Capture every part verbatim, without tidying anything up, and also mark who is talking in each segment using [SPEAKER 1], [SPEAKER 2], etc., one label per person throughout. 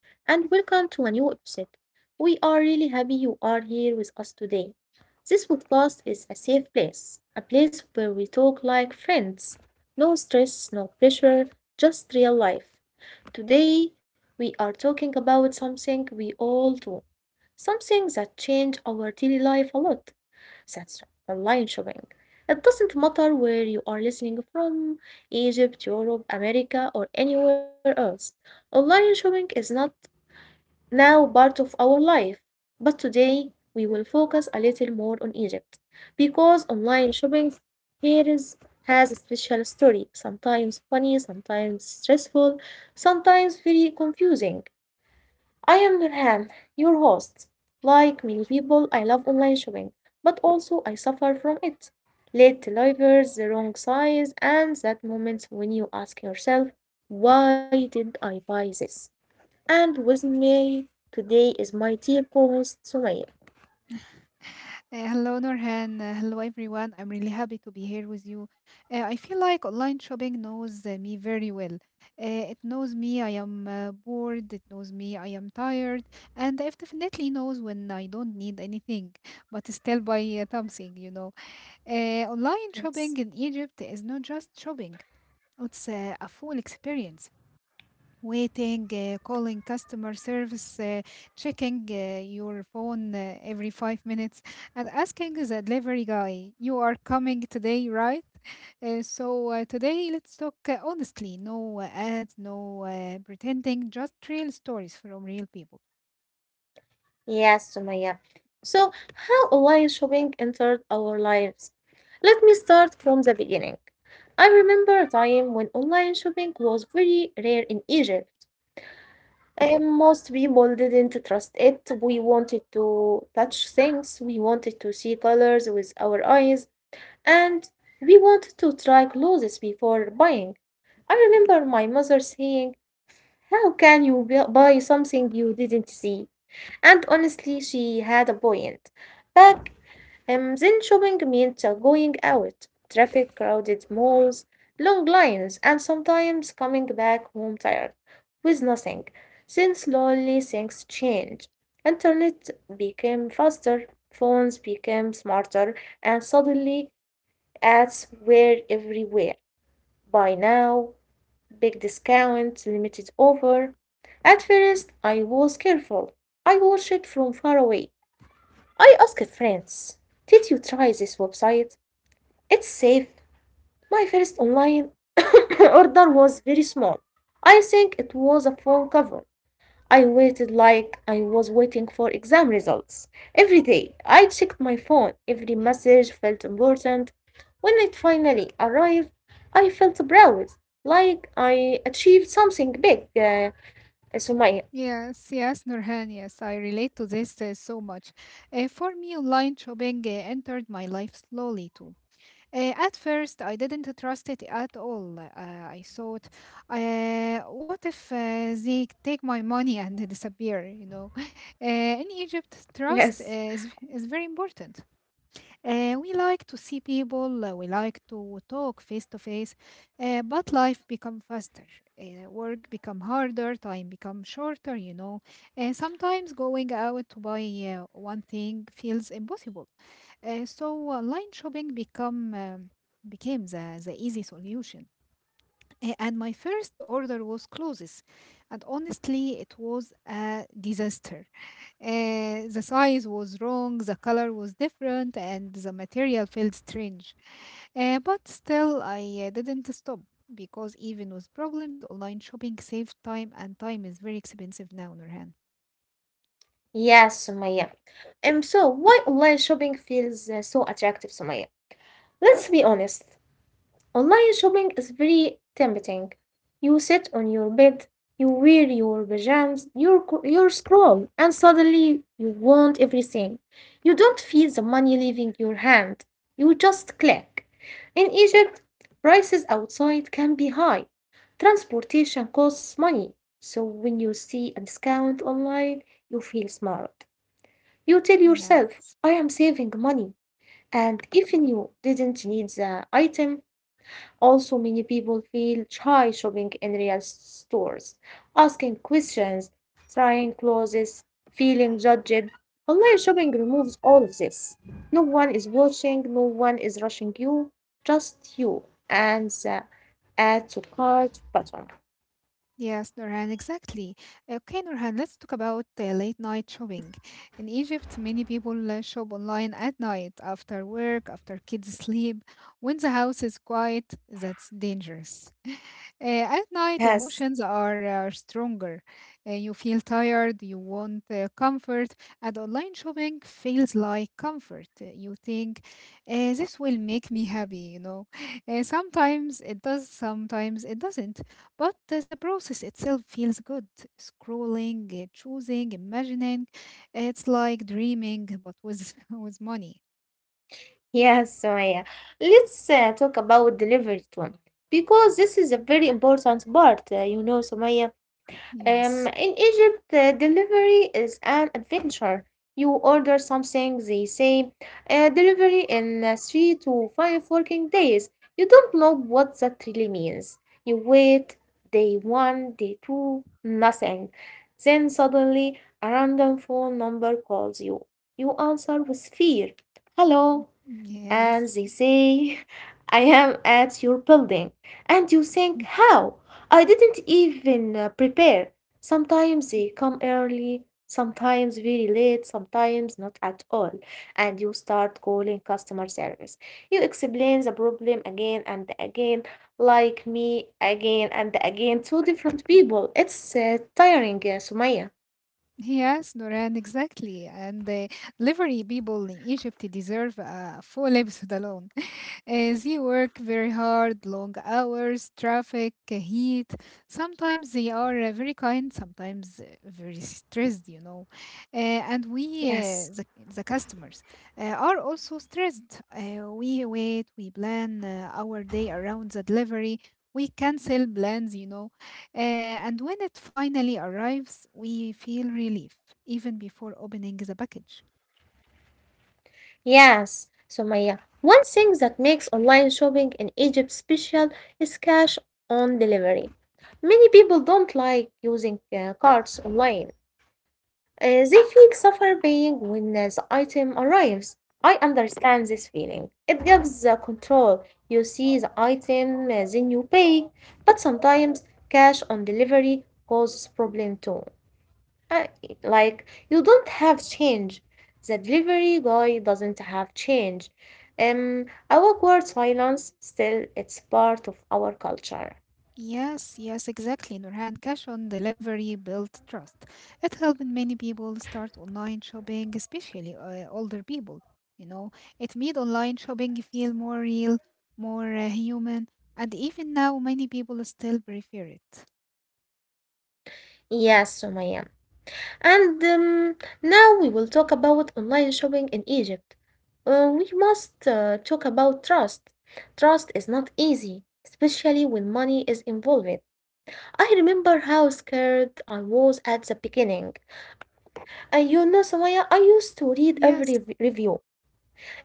[SPEAKER 1] and welcome to a new episode. We are really happy you are here with us today. This podcast is a safe place, a place where we talk like friends. No stress, no pressure, just real life. Today, we are talking about something we all do, something that changes our daily life a lot. That's online shopping. It doesn't matter where you are listening from, Egypt, Europe, America, or anywhere else. Online shopping is not now part of our life, but today we will focus a little more on Egypt because online shopping here is has a special story, sometimes funny, sometimes stressful, sometimes very confusing. I am Nurhan, your host. Like many people, I love online shopping, but also I suffer from it. Late deliveries, the wrong size, and that moment when you ask yourself, why did I buy this? And with me today is my dear co host Sumaya.
[SPEAKER 2] Uh, hello, Norhan. Uh, hello, everyone. I'm really happy to be here with you. Uh, I feel like online shopping knows uh, me very well. Uh, it knows me. I am uh, bored. It knows me. I am tired. And it definitely knows when I don't need anything, but still buy uh, something, you know. Uh, online shopping
[SPEAKER 1] Yes.
[SPEAKER 2] in Egypt is not just shopping, it's uh, a full experience waiting, uh, calling customer service, uh, checking uh, your phone uh, every five minutes, and asking the delivery guy, you are coming today, right? Uh, so, uh, today let's talk uh, honestly, no uh, ads, no uh, pretending, just real stories from real people.
[SPEAKER 1] Yes, Sumaya. So, how online shopping entered our lives? Let me start from the beginning. I remember a time when online shopping was very rare in Egypt. And most people didn't trust it. We wanted to touch things, we wanted to see colors with our eyes, and we wanted to try clothes before buying. I remember my mother saying, how can you bu- buy something you didn't see? And honestly, she had a point. But um, Then shopping meant uh, going out, traffic, crowded malls, long lines, and sometimes coming back home tired with nothing. Then slowly things changed. Internet became faster, phones became smarter, and suddenly ads were everywhere. Buy now, big discount, limited offer. At first, I was careful. I watched it from far away. I asked friends, did you try this website? It's safe. My first online order was very small. I think it was a phone cover. I waited like I was waiting for exam results. Every day I checked my phone. Every message felt important. When it finally arrived, I felt proud, like I achieved something big. Uh, Sumaya.
[SPEAKER 2] Yes, yes, Nurhan, yes, I relate to this uh, so much. Uh, for me, online shopping uh, entered my life slowly too. Uh, at first, I didn't trust it at all. Uh, I thought, uh, what if uh, they take my money and disappear? You know, uh, in Egypt,
[SPEAKER 1] Yes.
[SPEAKER 2] trust is, is very important. Uh, we like to see people, uh, we like to talk face to face, uh, but life become faster, uh, work become harder, time become shorter, you know. Uh, sometimes going out to buy uh, one thing feels impossible. Uh, so online shopping become um, became the, the easy solution. Uh, and my first order was clothes, and honestly, it was a disaster. Uh, the size was wrong, the color was different, and the material felt strange. Uh, but still, I uh, didn't stop because even with problems, online shopping saved time, and time is very expensive now, Nurhan.
[SPEAKER 1] Yes, Sumaya. Um, so why online shopping feels uh, so attractive, Sumaya? Let's be honest. Online shopping is very tempting. You sit on your bed, you wear your pajamas, you co- you scroll, and suddenly you want everything. You don't feel the money leaving your hand. You just click. In Egypt, prices outside can be high. Transportation costs money. So when you see a discount online, you feel smart. You tell yourself,
[SPEAKER 2] Yes.
[SPEAKER 1] I am saving money. And even you didn't need the item. Also, many people feel shy shopping in real stores, asking questions, trying clothes, feeling judged. Online shopping removes all of this. No one is watching, no one is rushing you, just you and the add to cart button.
[SPEAKER 2] Yes, Nurhan, exactly. Okay, Nurhan, let's talk about uh, late night shopping. In Egypt, many people uh, shop online at night, after work, after kids sleep. When the house is quiet, that's dangerous. Uh, at night,
[SPEAKER 1] Yes.
[SPEAKER 2] emotions are uh, stronger. Uh, you feel tired, you want uh, comfort, and online shopping feels like comfort. Uh, You think, uh, this will make me happy, you know. Uh, sometimes it does, sometimes it doesn't. But uh, the process itself feels good. Scrolling, uh, choosing, imagining. It's like dreaming, but with, with money.
[SPEAKER 1] Yes, Sumaya. Let's uh, talk about delivery leverage one because this is a very important part, uh, you know, Sumaya. Um, in
[SPEAKER 2] Yes.
[SPEAKER 1] Egypt, uh, delivery is an adventure. You order something, they say, uh, delivery in uh, three to five working days. You don't know what that really means. You wait day one, day two, nothing. Then suddenly, a random phone number calls you. You answer with fear. Hello, and
[SPEAKER 2] Yes.
[SPEAKER 1] they say, I am at your building. And you think, how? I didn't even uh, prepare. Sometimes they come early, sometimes very late, sometimes not at all. And you start calling customer service. You explain the problem again and again, like me again and again to different
[SPEAKER 2] Mm-hmm.
[SPEAKER 1] people. It's uh, tiring, uh, Sumaya.
[SPEAKER 2] Yes, Noran, exactly. And the delivery people in Egypt deserve a full episode alone. Uh, they work very hard, long hours, traffic, uh, heat. Sometimes they are uh, very kind, sometimes uh, very stressed, you know. Uh, and we,
[SPEAKER 1] Yes.
[SPEAKER 2] uh, the, the customers, uh, are also stressed. Uh, we wait, we plan uh, our day around the delivery. We cancel plans, you know. Uh, and when it finally arrives, we feel relief even before opening the package.
[SPEAKER 1] Yes, Sumaya. One thing that makes online shopping in Egypt special is cash on delivery. Many people don't like using uh, cards online. Uh, they feel suffer paying when uh, the item arrives. I understand this feeling. It gives the control. You see the item, uh, then you pay. But sometimes cash on delivery causes problem too. Uh, like you don't have change. The delivery guy doesn't have change. Um, awkward silence. Still, it's part of our culture.
[SPEAKER 2] Yes, yes, exactly. Nurhan, cash on delivery built trust. It helped many people start online shopping, especially uh, older people. You know, it made online shopping feel more real, more uh, human, and even now, many people still prefer it.
[SPEAKER 1] Yes, Sumaya. And um, Now we will talk about online shopping in Egypt. Uh, we must uh, talk about trust. Trust is not easy, especially when money is involved. I remember how scared I was at the beginning. Uh, you know, Sumaya, I used to read
[SPEAKER 2] Yes,
[SPEAKER 1] every re- review,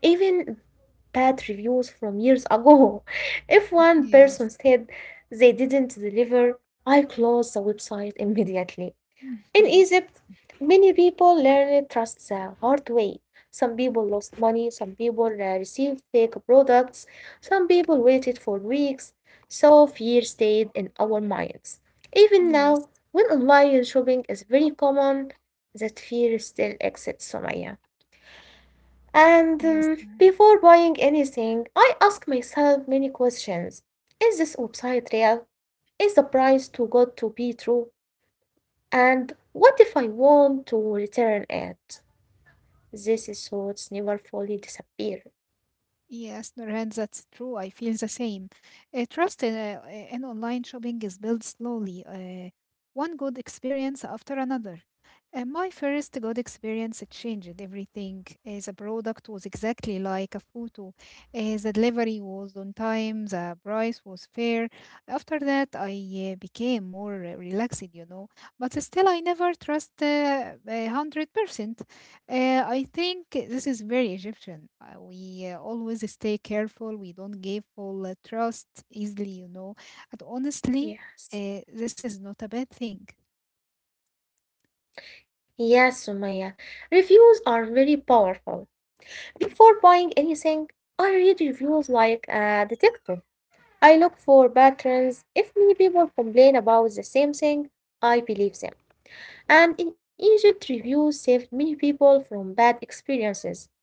[SPEAKER 1] even bad reviews from years ago. If one
[SPEAKER 2] yes,
[SPEAKER 1] person said they didn't deliver, I closed the website immediately. In Egypt, many people learned trust the hard way. Some people lost money, some people uh, received fake products, some people waited for weeks, so fear stayed in our minds. Even now,
[SPEAKER 2] yes,
[SPEAKER 1] when online shopping is very common, that fear still exists, Sumaya. And um,
[SPEAKER 2] yes.
[SPEAKER 1] Before buying anything, I ask myself many questions. Is this website real? Is the price too good to be true? And what if I want to return it? These thoughts never fully disappear.
[SPEAKER 2] Yes, Nurhan, that's true. I feel the same. Uh, trust in, uh, uh, in online shopping is built slowly, uh, one good experience after another. Uh, my first good experience, it changed everything. Uh, the product was exactly like a photo. Uh, the delivery was on time. The price was fair. After that, I uh, became more uh, relaxed, you know. But still, I never trust uh, a hundred percent. Uh, I think this is very Egyptian. Uh, we uh, always stay careful. We don't give full uh, trust easily, you know. And honestly,
[SPEAKER 1] Yes.
[SPEAKER 2] uh, this is not a bad thing.
[SPEAKER 1] Yes, Sumaya. Reviews are very powerful. Before buying anything, I read reviews like a detective. I look for patterns. If many people complain about the same thing, I believe them. And in Egypt, reviews saved many people from bad experiences.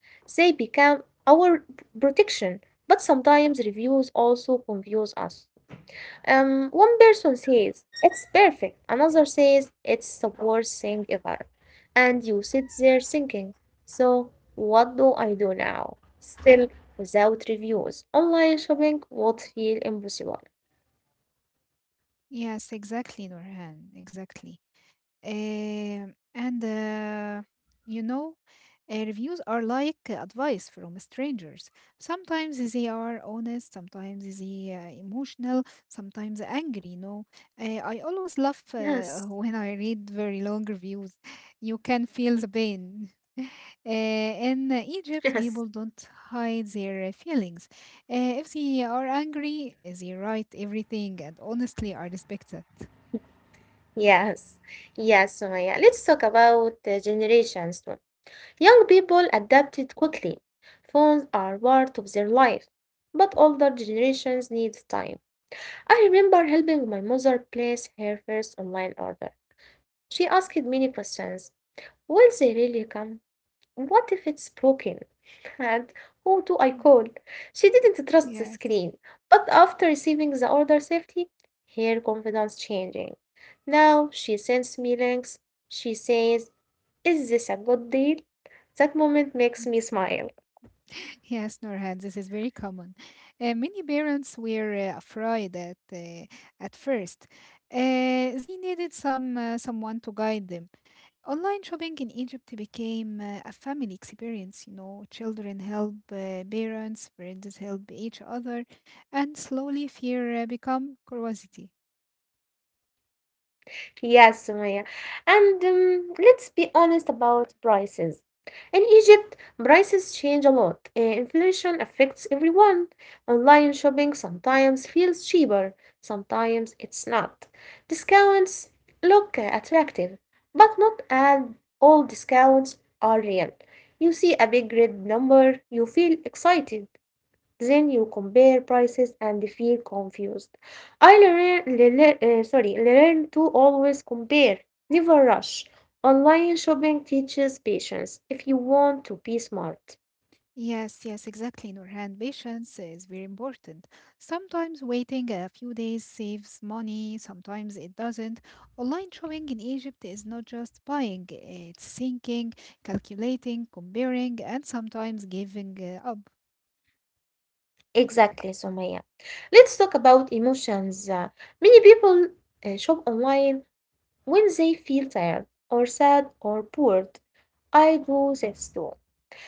[SPEAKER 1] They became our protection, but sometimes reviews also confuse us. Um, one person says it's perfect, another says it's the worst thing ever, and you sit there thinking, so what do I do now? Still, without reviews, online shopping would feel impossible.
[SPEAKER 2] Yes, exactly, Norhan. Exactly. Um, and uh, you know, uh, reviews are like advice from strangers. Sometimes they are honest, sometimes they are emotional, sometimes angry. You know, uh, I always laugh uh,
[SPEAKER 1] Yes,
[SPEAKER 2] when I read very long reviews. You can feel the pain. Uh, in uh,
[SPEAKER 1] yes.
[SPEAKER 2] Egypt, people don't hide their uh, feelings. Uh, if they are angry, they write everything, and honestly, I respect that.
[SPEAKER 1] Yes, yes, Sumaya. Let's talk about the generations too. Young people adapted quickly. Phones are part of their life, but older generations need time. I remember helping my mother place her first online order. She asked many questions. Will they really come? What if it's broken? And who do I call?
[SPEAKER 2] Mm.
[SPEAKER 1] She didn't trust the screen.
[SPEAKER 2] Yes.
[SPEAKER 1] But after receiving the order safety, her confidence changing. Now she sends me links. She says, is this a good deal? That moment makes me smile.
[SPEAKER 2] Yes, Norhan, this is very common. Uh, many parents were uh, afraid at uh, at first. Uh, they needed some uh, someone to guide them. Online shopping in Egypt became uh, a family experience. You know, children help uh, parents, parents help each other, and slowly fear uh, become curiosity.
[SPEAKER 1] Yes, Sumaya. And um, Let's be honest about prices. In Egypt, prices change a lot. Uh, inflation affects everyone. Online shopping sometimes feels cheaper, sometimes it's not. Discounts look uh, attractive, but not at all discounts are real. You see a big red number, you feel excited. Then you compare prices and feel confused. I learn, le- le- uh, sorry, Learn to always compare, never rush. Online shopping teaches patience if you want to be smart.
[SPEAKER 2] Yes, yes, exactly, Nurhan. Patience is very important. Sometimes waiting a few days saves money, sometimes it doesn't. Online shopping in Egypt is not just buying, it's thinking, calculating, comparing, and sometimes giving uh, up.
[SPEAKER 1] Exactly, Sumaya. Let's talk about emotions. Uh, Many people uh, shop online when they feel tired or sad or bored. I do this too.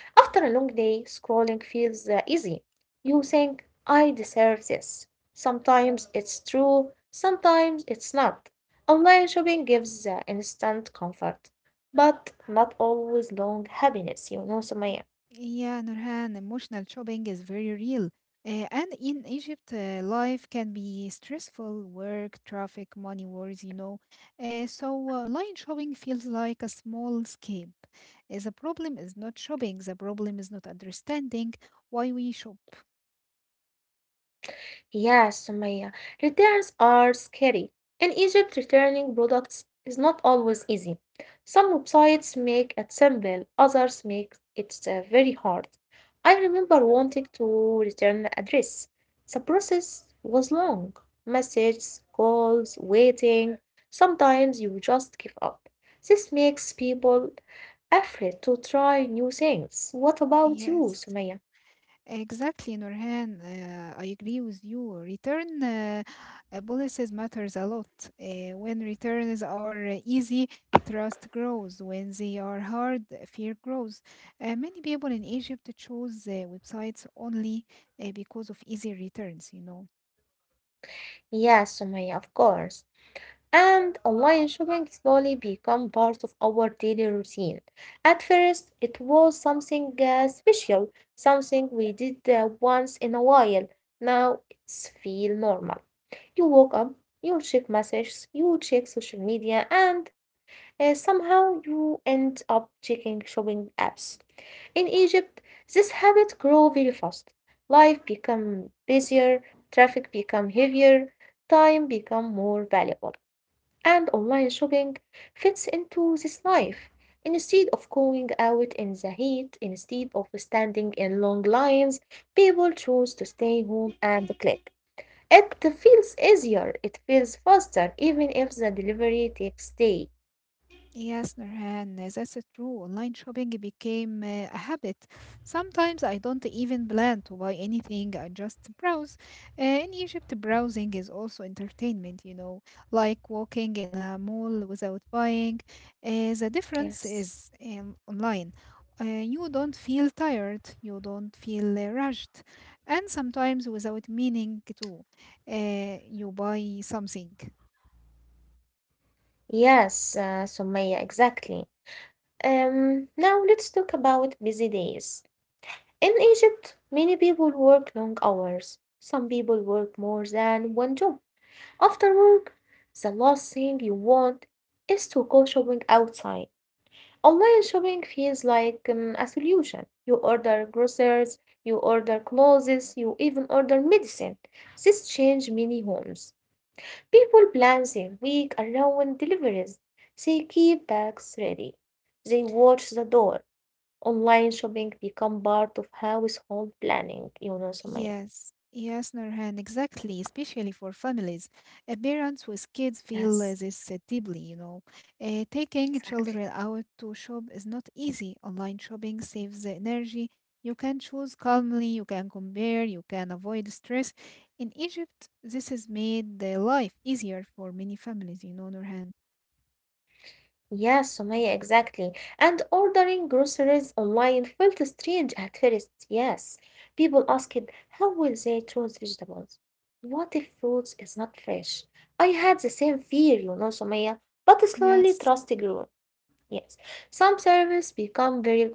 [SPEAKER 1] After a long day, scrolling feels uh, easy. You think, I deserve this. Sometimes it's true, sometimes it's not. Online shopping gives uh, instant comfort, but not always long happiness, you know, Sumaya.
[SPEAKER 2] Yeah, Nurhan, emotional shopping is very real. Uh, and in Egypt, uh, life can be stressful, work, traffic, money worries, you know. Uh, so, uh, line shopping feels like a small escape. Uh, the problem is not shopping, the problem is not understanding why we shop.
[SPEAKER 1] Yes, Sumaya, returns are scary. In Egypt, returning products is not always easy. Some websites make it simple, others make it uh, very hard. I remember wanting to return a dress. The process was long. Messages, calls, waiting. Sometimes you just give up. This makes people afraid to try new things. What about you,
[SPEAKER 2] Yes.
[SPEAKER 1] Sumaya?
[SPEAKER 2] Exactly, Nurhan. Uh, I agree with you. Return uh, uh, policies matters a lot. Uh, when returns are uh, easy, trust grows. When they are hard, fear grows. Uh, many people in Egypt choose uh, websites only uh, because of easy returns, you know.
[SPEAKER 1] Yes, Sumaya, of course. And online shopping slowly became part of our daily routine. At first, it was something uh, special, something we did uh, once in a while. Now it's feel normal. You woke up, you check messages, you check social media, and uh, somehow you end up checking shopping apps. In Egypt, this habit grew very fast. Life became busier, traffic became heavier, time become more valuable. And online shopping fits into this life. Instead of going out in the heat, instead of standing in long lines, people choose to stay home and click. It feels easier, it feels faster, even if the delivery takes day.
[SPEAKER 2] Yes, Nurhan, uh, that's true. Online shopping became uh, a habit. Sometimes I don't even plan to buy anything, I just browse. Uh, in Egypt, browsing is also entertainment, you know, like walking in a mall without buying. Uh, the difference
[SPEAKER 1] Yes.
[SPEAKER 2] is um, online. Uh, you don't feel tired, you don't feel uh, rushed, and sometimes without meaning too. Uh, you buy something.
[SPEAKER 1] Yes, uh, Sumaya, exactly. Um, now let's talk about busy days. In Egypt, many people work long hours. Some people work more than one job. After work, the last thing you want is to go shopping outside. Online shopping feels like um, a solution. You order groceries, you order clothes, you even order medicine. This changed many homes. People plan their week around deliveries. They keep bags ready. They watch the door. Online shopping become part of household planning, you know, Sumaya.
[SPEAKER 2] Yes, yes, Nurhan, exactly, especially for families. Uh, parents with kids feel uh,
[SPEAKER 1] Yes,
[SPEAKER 2] this uh, deeply, you know. Uh, taking children
[SPEAKER 1] exactly.
[SPEAKER 2] out to shop is not easy. Online shopping saves the energy. You can choose calmly, you can compare, you can avoid stress. In Egypt, this has made the life easier for many families, you know, Nurhan.
[SPEAKER 1] Yeah, Sumaya, exactly. And ordering groceries online felt strange at first, yes. People asked, how will they choose vegetables? What if fruits is not fresh? I had the same fear, you know, Sumaya, but slowly
[SPEAKER 2] Yes,
[SPEAKER 1] trust grew. Yes. Some service become very good.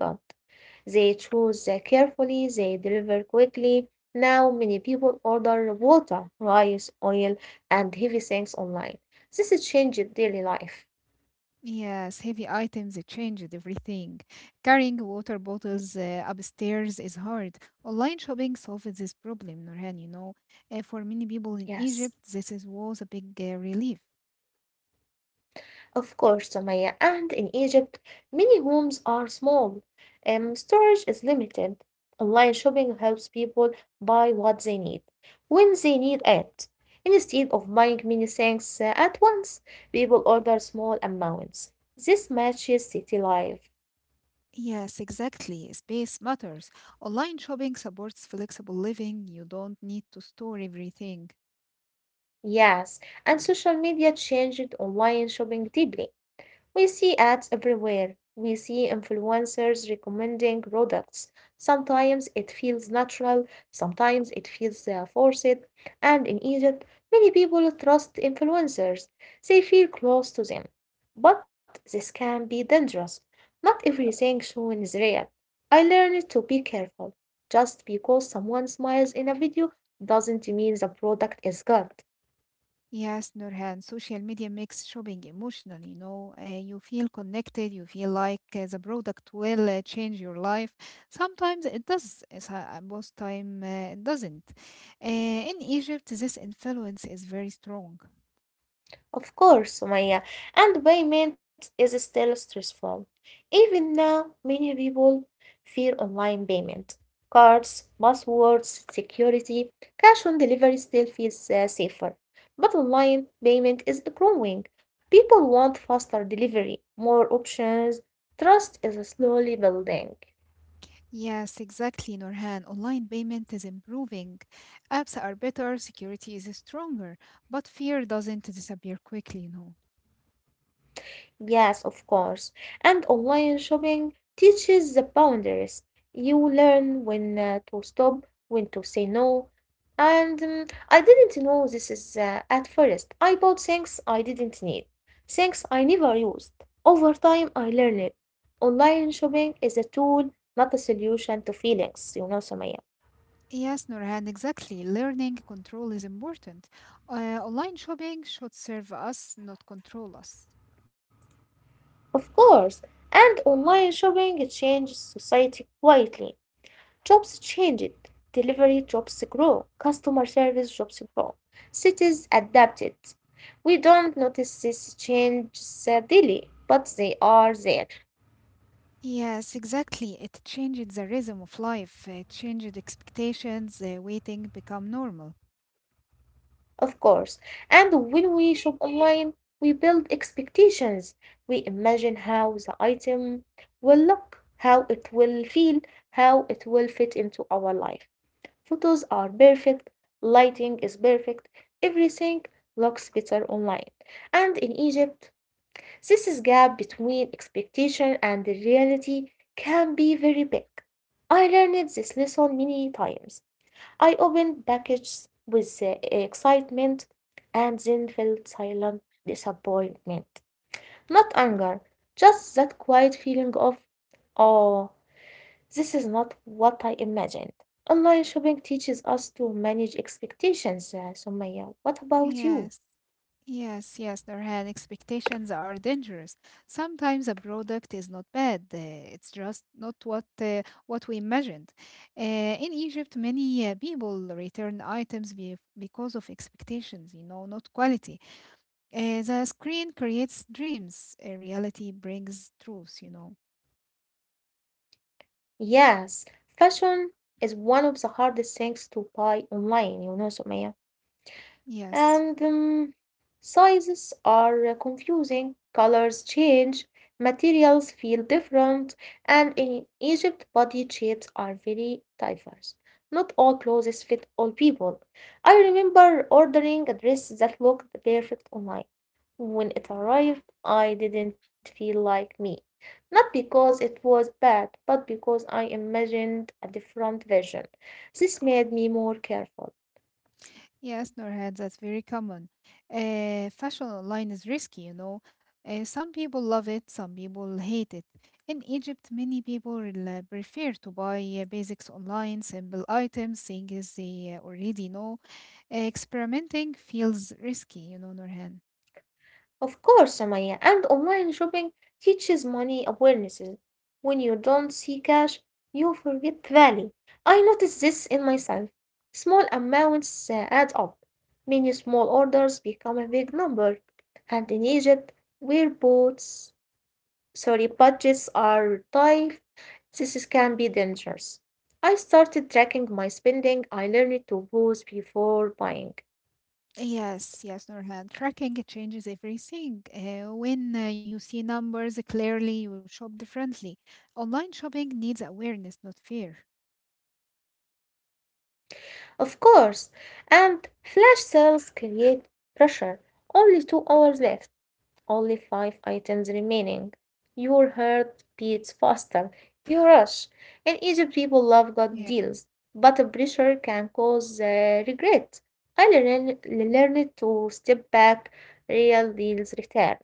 [SPEAKER 1] They choose uh, carefully, they deliver quickly. Now many people order water, rice, oil, and heavy things online. This has changed daily life.
[SPEAKER 2] yes, heavy items it changed everything. Carrying water bottles uh, upstairs is hard. Online shopping solved this problem, Nurhan, you know. Uh, for many people in
[SPEAKER 1] Yes.
[SPEAKER 2] Egypt, this is, was a big uh, relief.
[SPEAKER 1] Of course, Sumaya. And in Egypt, many homes are small, um, storage is limited. Online shopping helps people buy what they need when they need it. Instead of buying many things uh, at once, people order small amounts. This matches city life.
[SPEAKER 2] Yes, exactly. Space matters. Online shopping supports flexible living. You don't need to store everything.
[SPEAKER 1] Yes, and social media changed online shopping deeply. We see ads everywhere. We see influencers recommending products. Sometimes it feels natural, sometimes it feels uh, forced. And in Egypt, many people trust influencers, they feel close to them. But this can be dangerous. Not everything shown is real. I learned to be careful. Just because someone smiles in a video doesn't mean the product is good.
[SPEAKER 2] Yes, Nurhan, social media makes shopping emotional, you know. Uh, you feel connected, you feel like uh, the product will uh, change your life. Sometimes it does, it's, uh, most time uh, it doesn't. Uh, in Egypt, this influence is very strong.
[SPEAKER 1] Of course, Sumaya, and payment is still stressful. Even now, many people fear online payment. Cards, passwords, security, cash on delivery still feels uh, safer. But online payment is growing. People want faster delivery, more options, trust is slowly building.
[SPEAKER 2] Yes, exactly, Norhan. Online payment is improving. Apps are better, security is stronger, but fear doesn't disappear quickly, you know.
[SPEAKER 1] Yes, of course. And online shopping teaches the boundaries. You learn when uh, to stop, when to say no. And um, I didn't know this is uh, at first. I bought things I didn't need, things I never used. Over time, I learned it. Online shopping is a tool, not a solution to feelings, you know, Samaya.
[SPEAKER 2] Yes, Norhan, exactly. Learning control is important. Uh, online shopping should serve us, not control us.
[SPEAKER 1] Of course. And online shopping changes society quietly. Jobs changed, delivery jobs grow, customer service jobs grow, cities adapted. We don't notice these changes uh, daily, but they are there,
[SPEAKER 2] Yes, exactly. It changed the rhythm of life, it changed expectations, uh, waiting become normal.
[SPEAKER 1] of course. And when we shop online, we build expectations. We imagine how the item will look, how it will feel, how it will fit into our life. Photos are perfect, lighting is perfect, everything looks better online. And in Egypt, This gap between expectation and the reality can be very big. I learned this lesson many times. I opened packages with uh, excitement and then felt silent disappointment. Not anger, just that quiet feeling of, oh, this is not what I imagined. Online shopping teaches us to manage expectations, uh, Sumaya. What about you?
[SPEAKER 2] Yes. Yes, yes, Nurhan, expectations are dangerous. Sometimes a product is not bad, uh, it's just not what uh, what we imagined. Uh, in Egypt, many uh, people return items be- because of expectations, you know, not quality. Uh, the screen creates dreams, uh, reality brings truth, you know.
[SPEAKER 1] Yes, fashion is one of the hardest things to buy online, you know, Sumaya.
[SPEAKER 2] Yes.
[SPEAKER 1] And um, sizes are uh, confusing, colors change, materials feel different, and in Egypt, body shapes are very diverse. Not all clothes fit all people. I remember ordering a dress that looked perfect online. When it arrived, I didn't feel like me. Not because it was bad, but because I imagined a different version. This made me more careful.
[SPEAKER 2] Yes, Nurhan, that's very common. Uh, fashion online is risky, you know. Uh, some people love it, some people hate it. In Egypt, many people rel- prefer to buy uh, basics online, simple items, things they uh, already know. Eh, Experimenting feels risky, you know, Nurhan.
[SPEAKER 1] Of course, Samaya, and online shopping teaches money awarenesses. When you don't see cash, you forget value. I noticed this in myself. Small amounts uh, add up. Many small orders become a big number. And in Egypt, where boats, sorry, budgets are tight, this is- can be dangerous. I started tracking my spending. I learned to pause before buying.
[SPEAKER 2] Yes, yes, Nurhan. Tracking changes everything. Uh, when uh, you see numbers clearly, you shop differently. Online shopping needs awareness, not fear.
[SPEAKER 1] Of course, and flash sales create pressure. Only two hours left, only five items remaining. Your heart beats faster, you rush. In Egypt, people love good
[SPEAKER 2] Yeah.
[SPEAKER 1] deals, but the pressure can cause uh, regret. I learn, learned to step back, real deals return.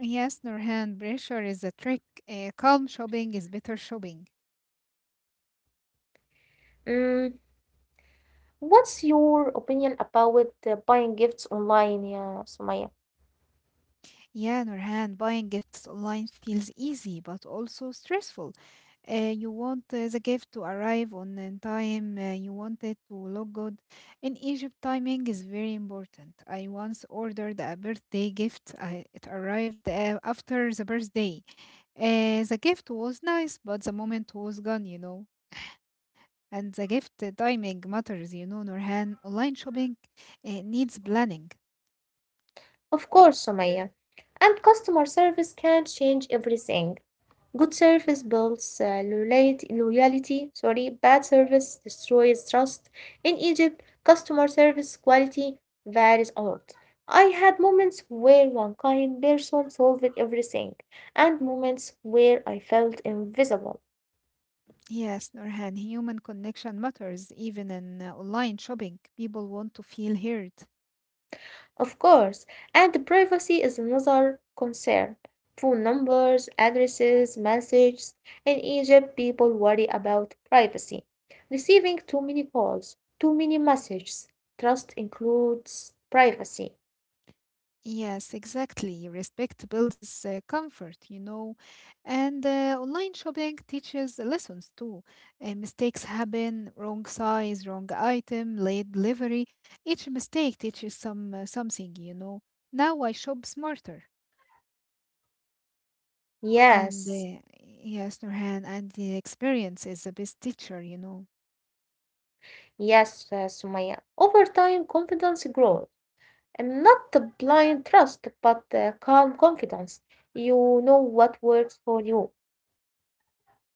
[SPEAKER 2] Yes, Nurhan, pressure is a trick. Uh, calm shopping is better shopping.
[SPEAKER 1] Mm, what's your opinion about uh, buying gifts online, yeah, Sumaya?
[SPEAKER 2] Yeah, Nurhan, buying gifts online feels easy but also stressful. Uh, you want uh, the gift to arrive on uh, time, uh, you want it to look good. In Egypt, timing is very important. I once ordered a birthday gift, I, it arrived uh, after the birthday. Uh, the gift was nice, but the moment was gone, you know. And the gift timing matters, you know, Nurhan. Online shopping uh, needs planning.
[SPEAKER 1] Of course, Sumaya. And customer service can change everything. Good service builds uh, loyalty, loyalty, sorry, bad service destroys trust. In Egypt, customer service quality varies a lot. I had moments where one kind person solved everything, and moments where I felt invisible.
[SPEAKER 2] Yes, Nurhan, human connection matters even in uh, online shopping. People want to feel heard.
[SPEAKER 1] Of course, and privacy is another concern. Phone numbers, addresses, messages. In Egypt, people worry about privacy. Receiving too many calls, too many messages. Trust includes privacy.
[SPEAKER 2] Yes, exactly. Respect builds uh, comfort, you know. And uh, online shopping teaches lessons too. Uh, mistakes happen, wrong size, wrong item, late delivery. Each mistake teaches some uh, something, you know. Now I shop smarter. And
[SPEAKER 1] Yes,
[SPEAKER 2] uh, yes, Nurhan, and the experience is the best teacher, you know.
[SPEAKER 1] yes, uh, Sumaya. Over time, confidence grows. And not the blind trust, but the calm confidence. You know what works for you.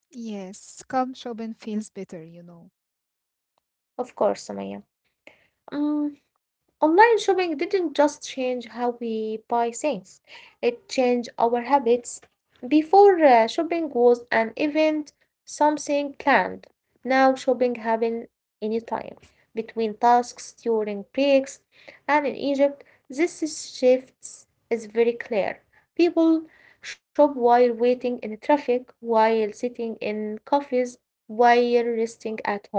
[SPEAKER 2] Yes, calm shopping feels better, you know.
[SPEAKER 1] Of course, Sumaya. Mm, Online shopping didn't just change how we buy things, it changed our habits. Before, uh, shopping was an event, something planned. Now, shopping happens anytime, between tasks, during breaks, and in Egypt, this is shifts is very clear. People shop while waiting in traffic, while sitting in cafes, while resting at home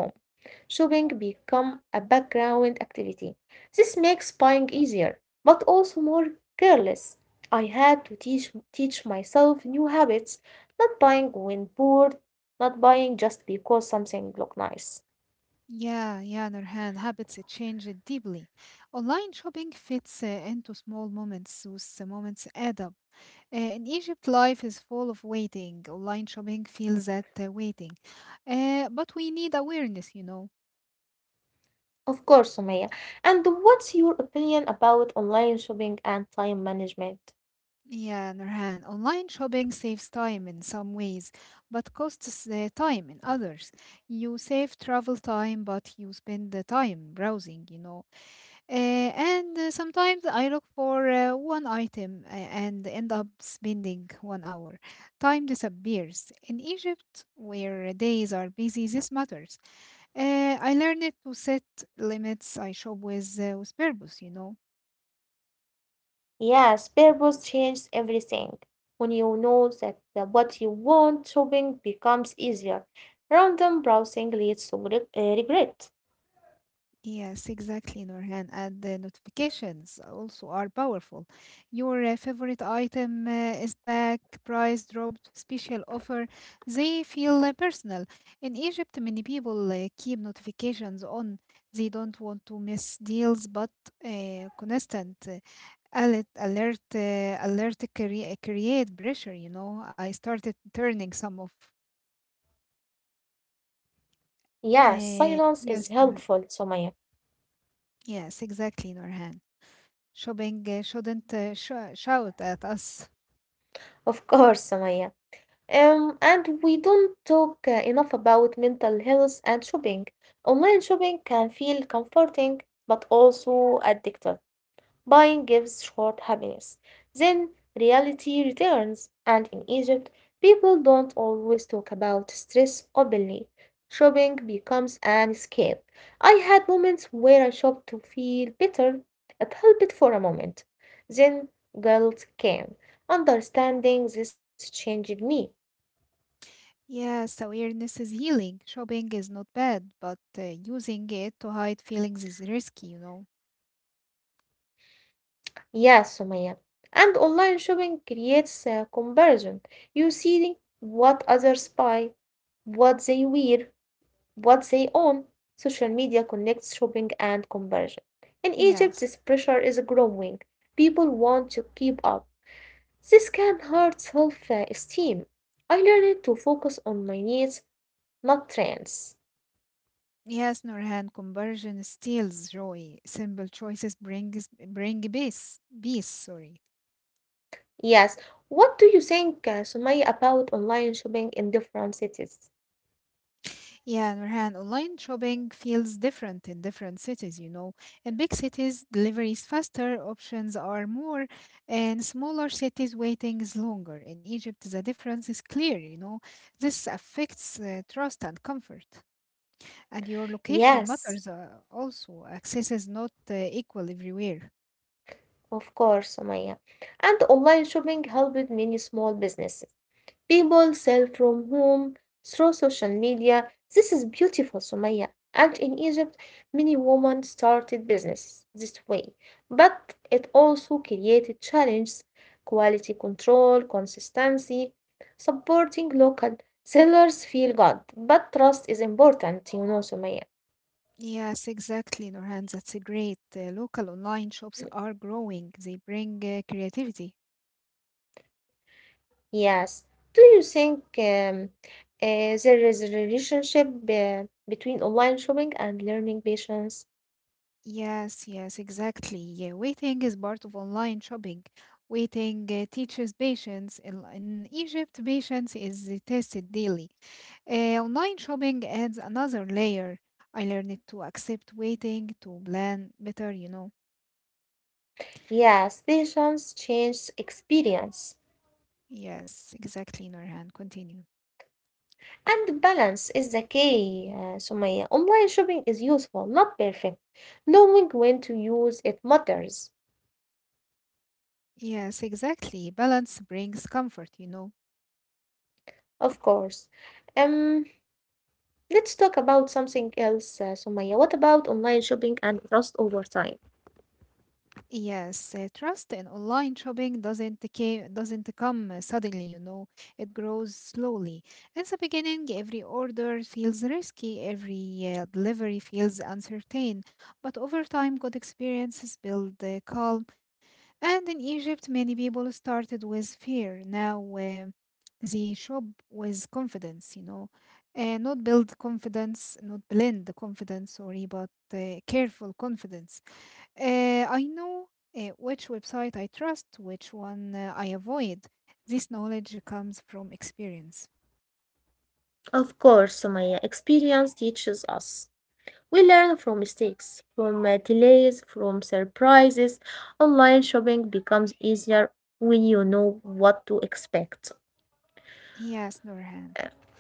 [SPEAKER 1] shopping become a background activity. This makes buying easier, but also more careless. I had to teach teach myself new habits, not buying when bored, not buying just because something looked nice.
[SPEAKER 2] Yeah, yeah, Nurhan, habits uh, change uh, deeply. Online shopping fits uh, into small moments, those uh, moments add up. Uh, in Egypt, life is full of waiting. Online shopping feels that uh, waiting. Uh, but we need awareness, you know.
[SPEAKER 1] Of course, Sumaya. And what's your opinion about online shopping and time management?
[SPEAKER 2] Yeah, Nurhan, online shopping saves time in some ways, but costs the time in others. You save travel time, but you spend the time browsing, you know. Uh, and uh, sometimes I look for uh, one item uh, and end up spending one hour. Time disappears. In Egypt, where days are busy, this matters. Uh, I learned to set limits. I shop with, uh, with purpose, you know.
[SPEAKER 1] Yes, purpose changes everything. When you know that the- what you want, shopping becomes easier. Random browsing leads to re- uh, regret.
[SPEAKER 2] Yes, exactly, Norhan. And the notifications also are powerful. Your uh, favorite item uh, is back, price dropped, special offer. They feel uh, personal. In Egypt, many people uh, keep notifications on. They don't want to miss deals, but uh, constant uh, alert, alert, uh, alert crea- create pressure. You know, I started turning some of.
[SPEAKER 1] Yeah,
[SPEAKER 2] Uh,
[SPEAKER 1] silence
[SPEAKER 2] yes,
[SPEAKER 1] is
[SPEAKER 2] Nurhan.
[SPEAKER 1] helpful, Sumaya.
[SPEAKER 2] Yes, exactly, Norhan. Shopping uh, shouldn't uh, sh shout at us.
[SPEAKER 1] Of course, Sumaya. Um, and we don't talk uh, enough about mental health and shopping. Online shopping can feel comforting but also addictive. Buying gives short happiness. Then reality returns, and in Egypt, people don't always talk about stress openly. Shopping becomes an escape. I had moments where I shopped to feel better. It helped for a moment. Then guilt came. Understanding this changed me.
[SPEAKER 2] Yes, awareness is healing. Shopping is not bad, but uh, using it to hide feelings is risky, you know.
[SPEAKER 1] Yes, Sumaya. And online shopping creates a comparison. You see what others buy, what they wear, what they own. Social media connects shopping and conversion. In Egypt, this
[SPEAKER 2] Yes.
[SPEAKER 1] pressure is growing. People want to keep up. This can hurt self uh, esteem. I learned to focus on my needs, not trends.
[SPEAKER 2] Yes, Nurhan, conversion steals joy. Simple choices brings bring peace. Peace, sorry.
[SPEAKER 1] Yes, what do you think, uh, Sumaya, about online shopping in different cities?
[SPEAKER 2] Yeah, Nurhan, online shopping feels different in different cities, you know. In big cities, delivery is faster, options are more, and smaller cities, waiting is longer. In Egypt, the difference is clear, you know. This affects uh, trust and comfort. And your location
[SPEAKER 1] Yes,
[SPEAKER 2] matters uh, also. Access is not uh, equal everywhere.
[SPEAKER 1] of course, Sumaya. And online shopping helped many small businesses. People sell from home through social media. This is beautiful, Sumaya. And in Egypt, many women started businesses this way. But it also created challenges, quality control, consistency. Supporting local sellers feel good, but trust is important, you know, Sumaya.
[SPEAKER 2] Yes, exactly, Nurhan. That's a great. Uh, local online shops are growing. They bring uh, creativity,
[SPEAKER 1] Yes. Do you think um, uh, there is a relationship uh, between online shopping and learning patience?
[SPEAKER 2] yes, yes, exactly. Yeah, waiting is part of online shopping. Waiting uh, teaches patience. In, in Egypt, patience is uh, tested daily. Uh, online shopping adds another layer. I learned to accept waiting, to plan better, you know.
[SPEAKER 1] Yes, patience changes experience.
[SPEAKER 2] Yes, exactly, Norhan. Continue.
[SPEAKER 1] And balance is the key. Uh, Sumaya. Online shopping is useful, not perfect. Knowing when to use it matters,
[SPEAKER 2] Yes, exactly. Balance brings comfort, you know.
[SPEAKER 1] of course. Um, let's talk about something else, uh, Sumaya. What about online shopping and trust over time?
[SPEAKER 2] Yes, uh, trust in online shopping doesn't ca- doesn't come uh, suddenly, you know. It grows slowly. In the beginning, every order feels risky, every uh, delivery feels uncertain, but over time, good experiences build uh, calm. And in Egypt, many people started with fear. Now, uh, they shop with confidence, you know. Uh, not build confidence, not blend the confidence, sorry, but uh, careful confidence. Uh, I know uh, which website I trust, which one uh, I avoid. This knowledge comes from experience.
[SPEAKER 1] Of course, Sumaya, experience teaches us. We learn from mistakes, from uh, delays, from surprises. Online shopping becomes easier when you know what to expect.
[SPEAKER 2] Yes, Nurhan.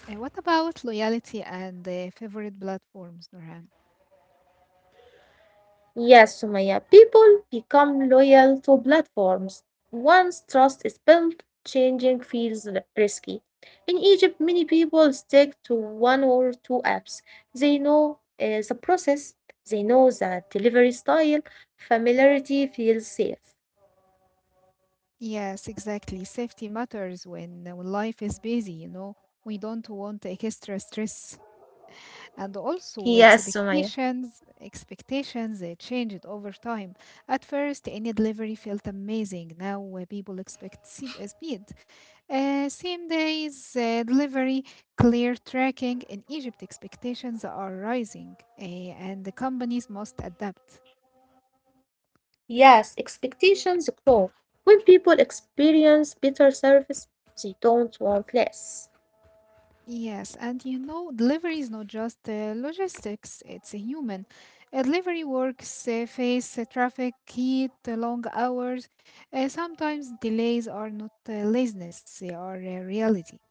[SPEAKER 2] Uh, what about loyalty and uh, favorite platforms, Nurhan?
[SPEAKER 1] Yes, Sumaya, people become loyal to platforms. Once trust is built, changing feels r- risky. In Egypt, many people stick to one or two apps. They know uh, the process, they know the delivery style, familiarity feels safe.
[SPEAKER 2] Yes, exactly. Safety matters when, uh, when life is busy, you know. We don't want extra stress. And also
[SPEAKER 1] Yes, Sumaya.
[SPEAKER 2] expectations, expectations uh, changed over time. At first, any delivery felt amazing. Now uh, people expect se- uh, speed. Uh, same days uh, delivery, clear tracking in Egypt, expectations are rising uh, and the companies must adapt.
[SPEAKER 1] Yes, expectations grow. When people experience better service, they don't want less.
[SPEAKER 2] Yes, and you know, delivery is not just uh, logistics, it's a human. Uh, delivery works uh, face uh, traffic, heat, uh, long hours. Uh, sometimes delays are not uh, laziness, they are uh, reality.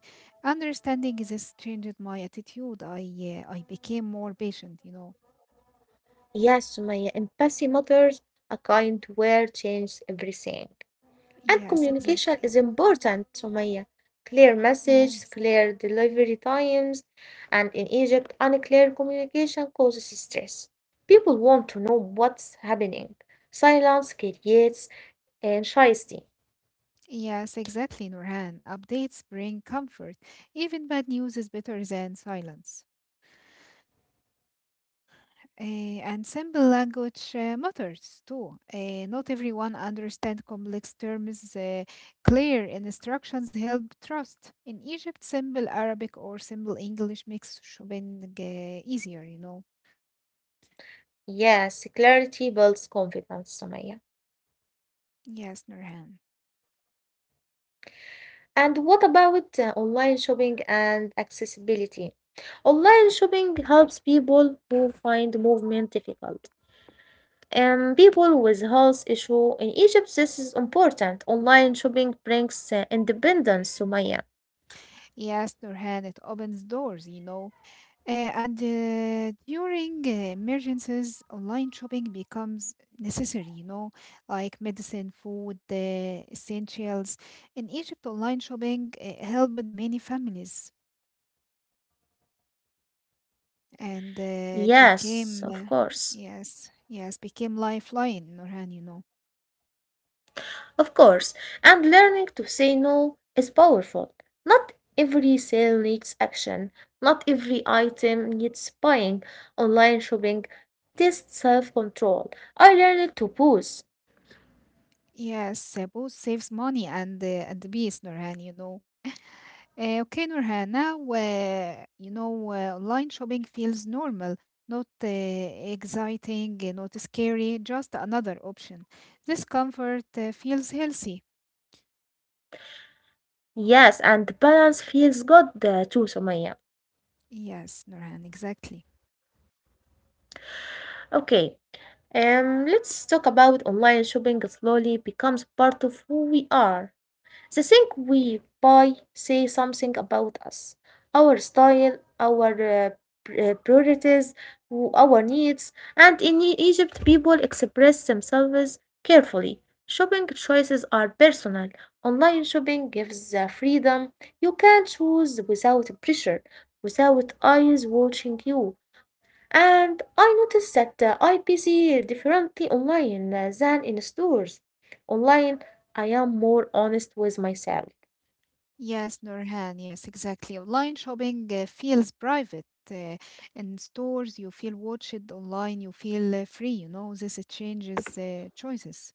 [SPEAKER 2] Understanding this changed my attitude. I, uh, I became more patient, you know.
[SPEAKER 1] Yes, Sumaya. empathy matters. A kind word changes everything. And
[SPEAKER 2] Yes,
[SPEAKER 1] communication is
[SPEAKER 2] exactly.
[SPEAKER 1] important, Sumaya. Clear messages,
[SPEAKER 2] Yes.
[SPEAKER 1] clear delivery times, and in Egypt, unclear communication causes stress. People want to know what's happening. Silence creates anxiety.
[SPEAKER 2] Yes, exactly, Nurhan. Updates bring comfort. Even bad news is better than silence. Eh, and simple language uh, matters too. Eh, not everyone understands complex terms. Eh, clear instructions help trust. In Egypt, simple Arabic or simple English makes shopping eh, easier, you know.
[SPEAKER 1] Yes, clarity builds confidence, Sumaya.
[SPEAKER 2] Yes, Nurhan.
[SPEAKER 1] And what about uh, online shopping and accessibility? Online shopping helps people who find movement difficult. And people with health issue in Egypt, this is important. Online shopping brings uh, independence, Sumaya.
[SPEAKER 2] Yes, Nurhan, it opens doors, you know. Uh, and uh, during uh, emergencies, online shopping becomes necessary, you know, like medicine, food, uh, essentials. In Egypt, online shopping uh, helped many families and uh, it
[SPEAKER 1] Yes,
[SPEAKER 2] became,
[SPEAKER 1] of
[SPEAKER 2] uh,
[SPEAKER 1] course.
[SPEAKER 2] yes, yes, became lifeline, Nurhan, you know.
[SPEAKER 1] Of course. And learning to say no is powerful. Not every sale needs action. Not every item needs buying. Online shopping. This self control. I learned to pause.
[SPEAKER 2] Yes, uh, both saves money and, uh, and peace. Beast, Nurhan, you know. Uh, okay, Nurhan. Now, uh, you know, uh, online shopping feels normal, not uh, exciting, uh, not scary, just another option. This comfort uh, feels healthy.
[SPEAKER 1] Yes, and the balance feels good uh, too, Sumaya.
[SPEAKER 2] Yes, Nurhan, exactly.
[SPEAKER 1] Okay, um, let's talk about online shopping slowly becomes part of who we are. They think we buy say something about us, our style, our uh, pr- uh, priorities, w- our needs. And in E- Egypt, people express themselves carefully. Shopping choices are personal. Online shopping gives the freedom. You can choose without pressure, without eyes watching you. And I noticed that uh, I busy differently online uh, than in stores. Online, I am more honest with myself.
[SPEAKER 2] Yes, Nurhan, yes, exactly. Online shopping uh, feels private. Uh, in stores, you feel watched. Online, you feel uh, free. You know, this uh, changes uh, choices.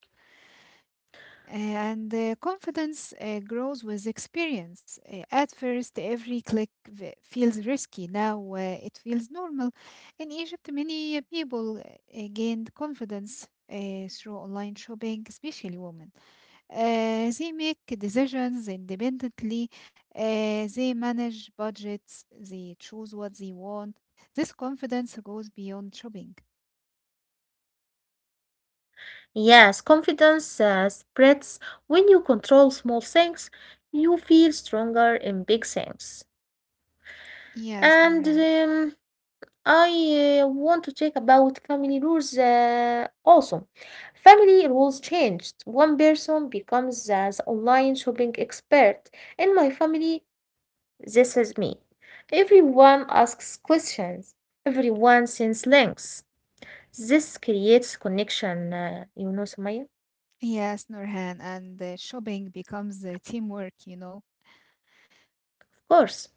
[SPEAKER 2] Uh, and uh, confidence uh, grows with experience. Uh, at first, every click v- feels risky. Now uh, it feels normal. In Egypt, many uh, people uh, gained confidence uh, through online shopping, especially women. Uh, they make decisions independently, uh, they manage budgets, they choose what they want. This confidence goes beyond shopping.
[SPEAKER 1] Yes, confidence uh, spreads when you control small things. You feel stronger in big things.
[SPEAKER 2] Yes,
[SPEAKER 1] And
[SPEAKER 2] Norhan.
[SPEAKER 1] um, I uh, want to talk about family rules uh, also. Family rules changed. One person becomes uh, the online shopping expert. In my family, This is me. Everyone asks questions. Everyone sends links. This creates connection, uh, you know, Sumaya?
[SPEAKER 2] Yes, Nurhan, and uh, shopping becomes uh, teamwork, you know.
[SPEAKER 1] Of course.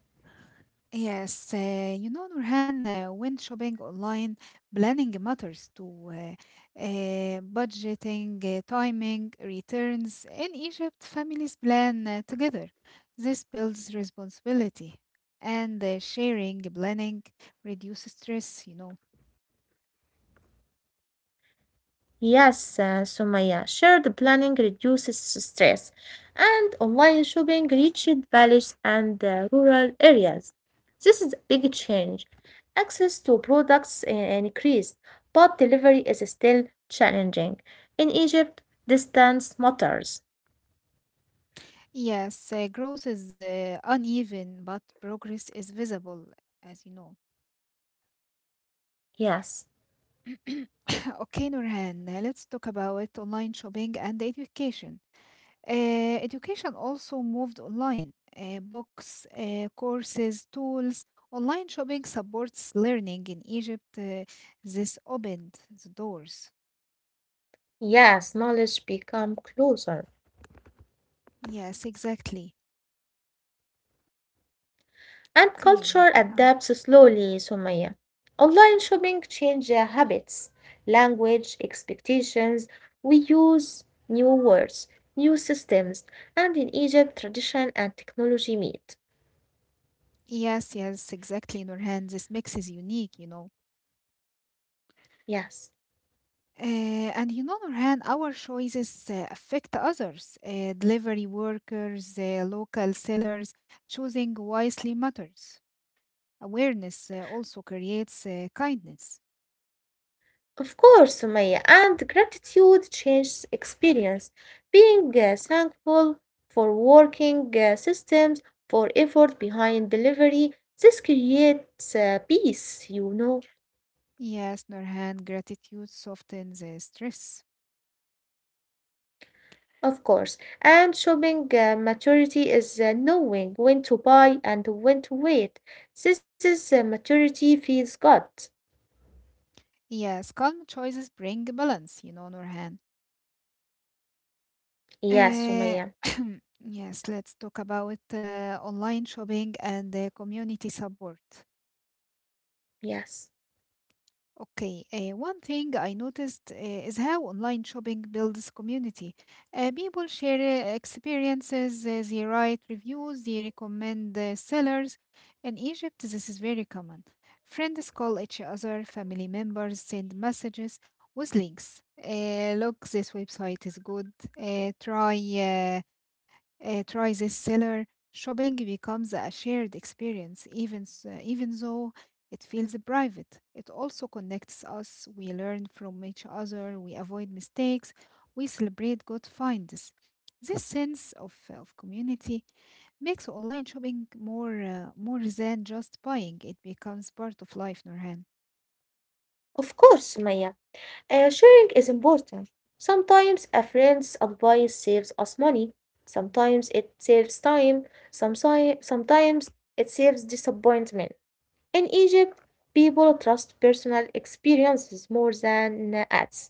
[SPEAKER 2] Yes, uh, you know, Nurhan, uh, when shopping online, planning matters too. Uh, uh, budgeting, uh, timing, returns. In Egypt, families plan uh, together. This builds responsibility. And uh, sharing, planning reduces stress, you know.
[SPEAKER 1] Yes, uh, Sumaya. Shared planning reduces stress, and online shopping reached villages and uh, rural areas. This is a big change. Access to products uh, increased, but delivery is still challenging. In Egypt, distance matters.
[SPEAKER 2] Yes, uh, growth is uh, uneven, but progress is visible, as you know.
[SPEAKER 1] Yes.
[SPEAKER 2] Okay, Nurhan, uh, let's talk about online shopping and education. Uh, education also moved online. Uh, books, uh, courses, tools. Online shopping supports learning in Egypt. Uh, this opened the doors.
[SPEAKER 1] Yes, knowledge become closer
[SPEAKER 2] Yes, exactly.
[SPEAKER 1] and culture
[SPEAKER 2] Okay.
[SPEAKER 1] adapts
[SPEAKER 2] Uh,
[SPEAKER 1] slowly, Sumaya. Online shopping change uh, habits, language, expectations. We use new words, new systems, and in Egypt tradition and technology meet.
[SPEAKER 2] yes, yes, exactly, Nurhan. This mix is unique, you know.
[SPEAKER 1] Yes.
[SPEAKER 2] Uh, and you know, Nurhan, our choices uh, affect others. Uh, delivery workers, uh, local sellers, choosing wisely matters. Awareness uh, also creates uh, kindness.
[SPEAKER 1] Of course, Sumaya, and gratitude changes experience. Being uh, thankful for working uh, systems, for effort behind delivery, this creates uh, peace, you know,
[SPEAKER 2] Yes, Nurhan, gratitude softens uh, stress.
[SPEAKER 1] of course. And shopping uh, maturity is uh, knowing when to buy and when to wait. This is uh, maturity feels good.
[SPEAKER 2] Yes, calm choices bring balance, you know, Nurhan.
[SPEAKER 1] Yes,
[SPEAKER 2] Uh,
[SPEAKER 1] Sumaya.
[SPEAKER 2] yes, let's talk about uh, online shopping and uh, community support.
[SPEAKER 1] Yes.
[SPEAKER 2] Okay, uh, one thing I noticed uh, is how online shopping builds community. Uh, people share uh, experiences, uh, they write reviews, they recommend uh, sellers. In Egypt, this is very common. Friends call each other, family members send messages with links. Uh, look, this website is good. Uh, try eh, uh, try this seller. Shopping becomes a shared experience, even s- uh, even though it feels private. It also connects us. We learn from each other. We avoid mistakes. We celebrate good finds. This sense of, of community makes online shopping more uh, more than just buying. It becomes part of life, Nurhan.
[SPEAKER 1] Of course, Sumaya. Uh, sharing is important. Sometimes a friend's advice saves us money, sometimes it saves time, some si- sometimes it saves disappointment. In Egypt, people trust personal experiences more than uh, ads.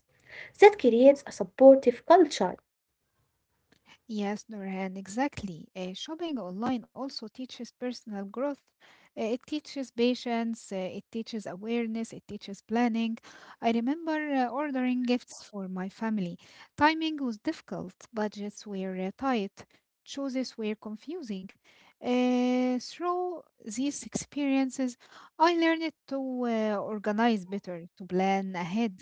[SPEAKER 1] That creates a supportive culture.
[SPEAKER 2] Yes, Nurhan, exactly. Uh, shopping online also teaches personal growth. Uh, it teaches patience, uh, it teaches awareness, it teaches planning. I remember uh, ordering gifts for my family. Timing was difficult, budgets were uh, tight, choices were confusing. Uh, through these experiences, I learned to uh, organize better, to plan ahead,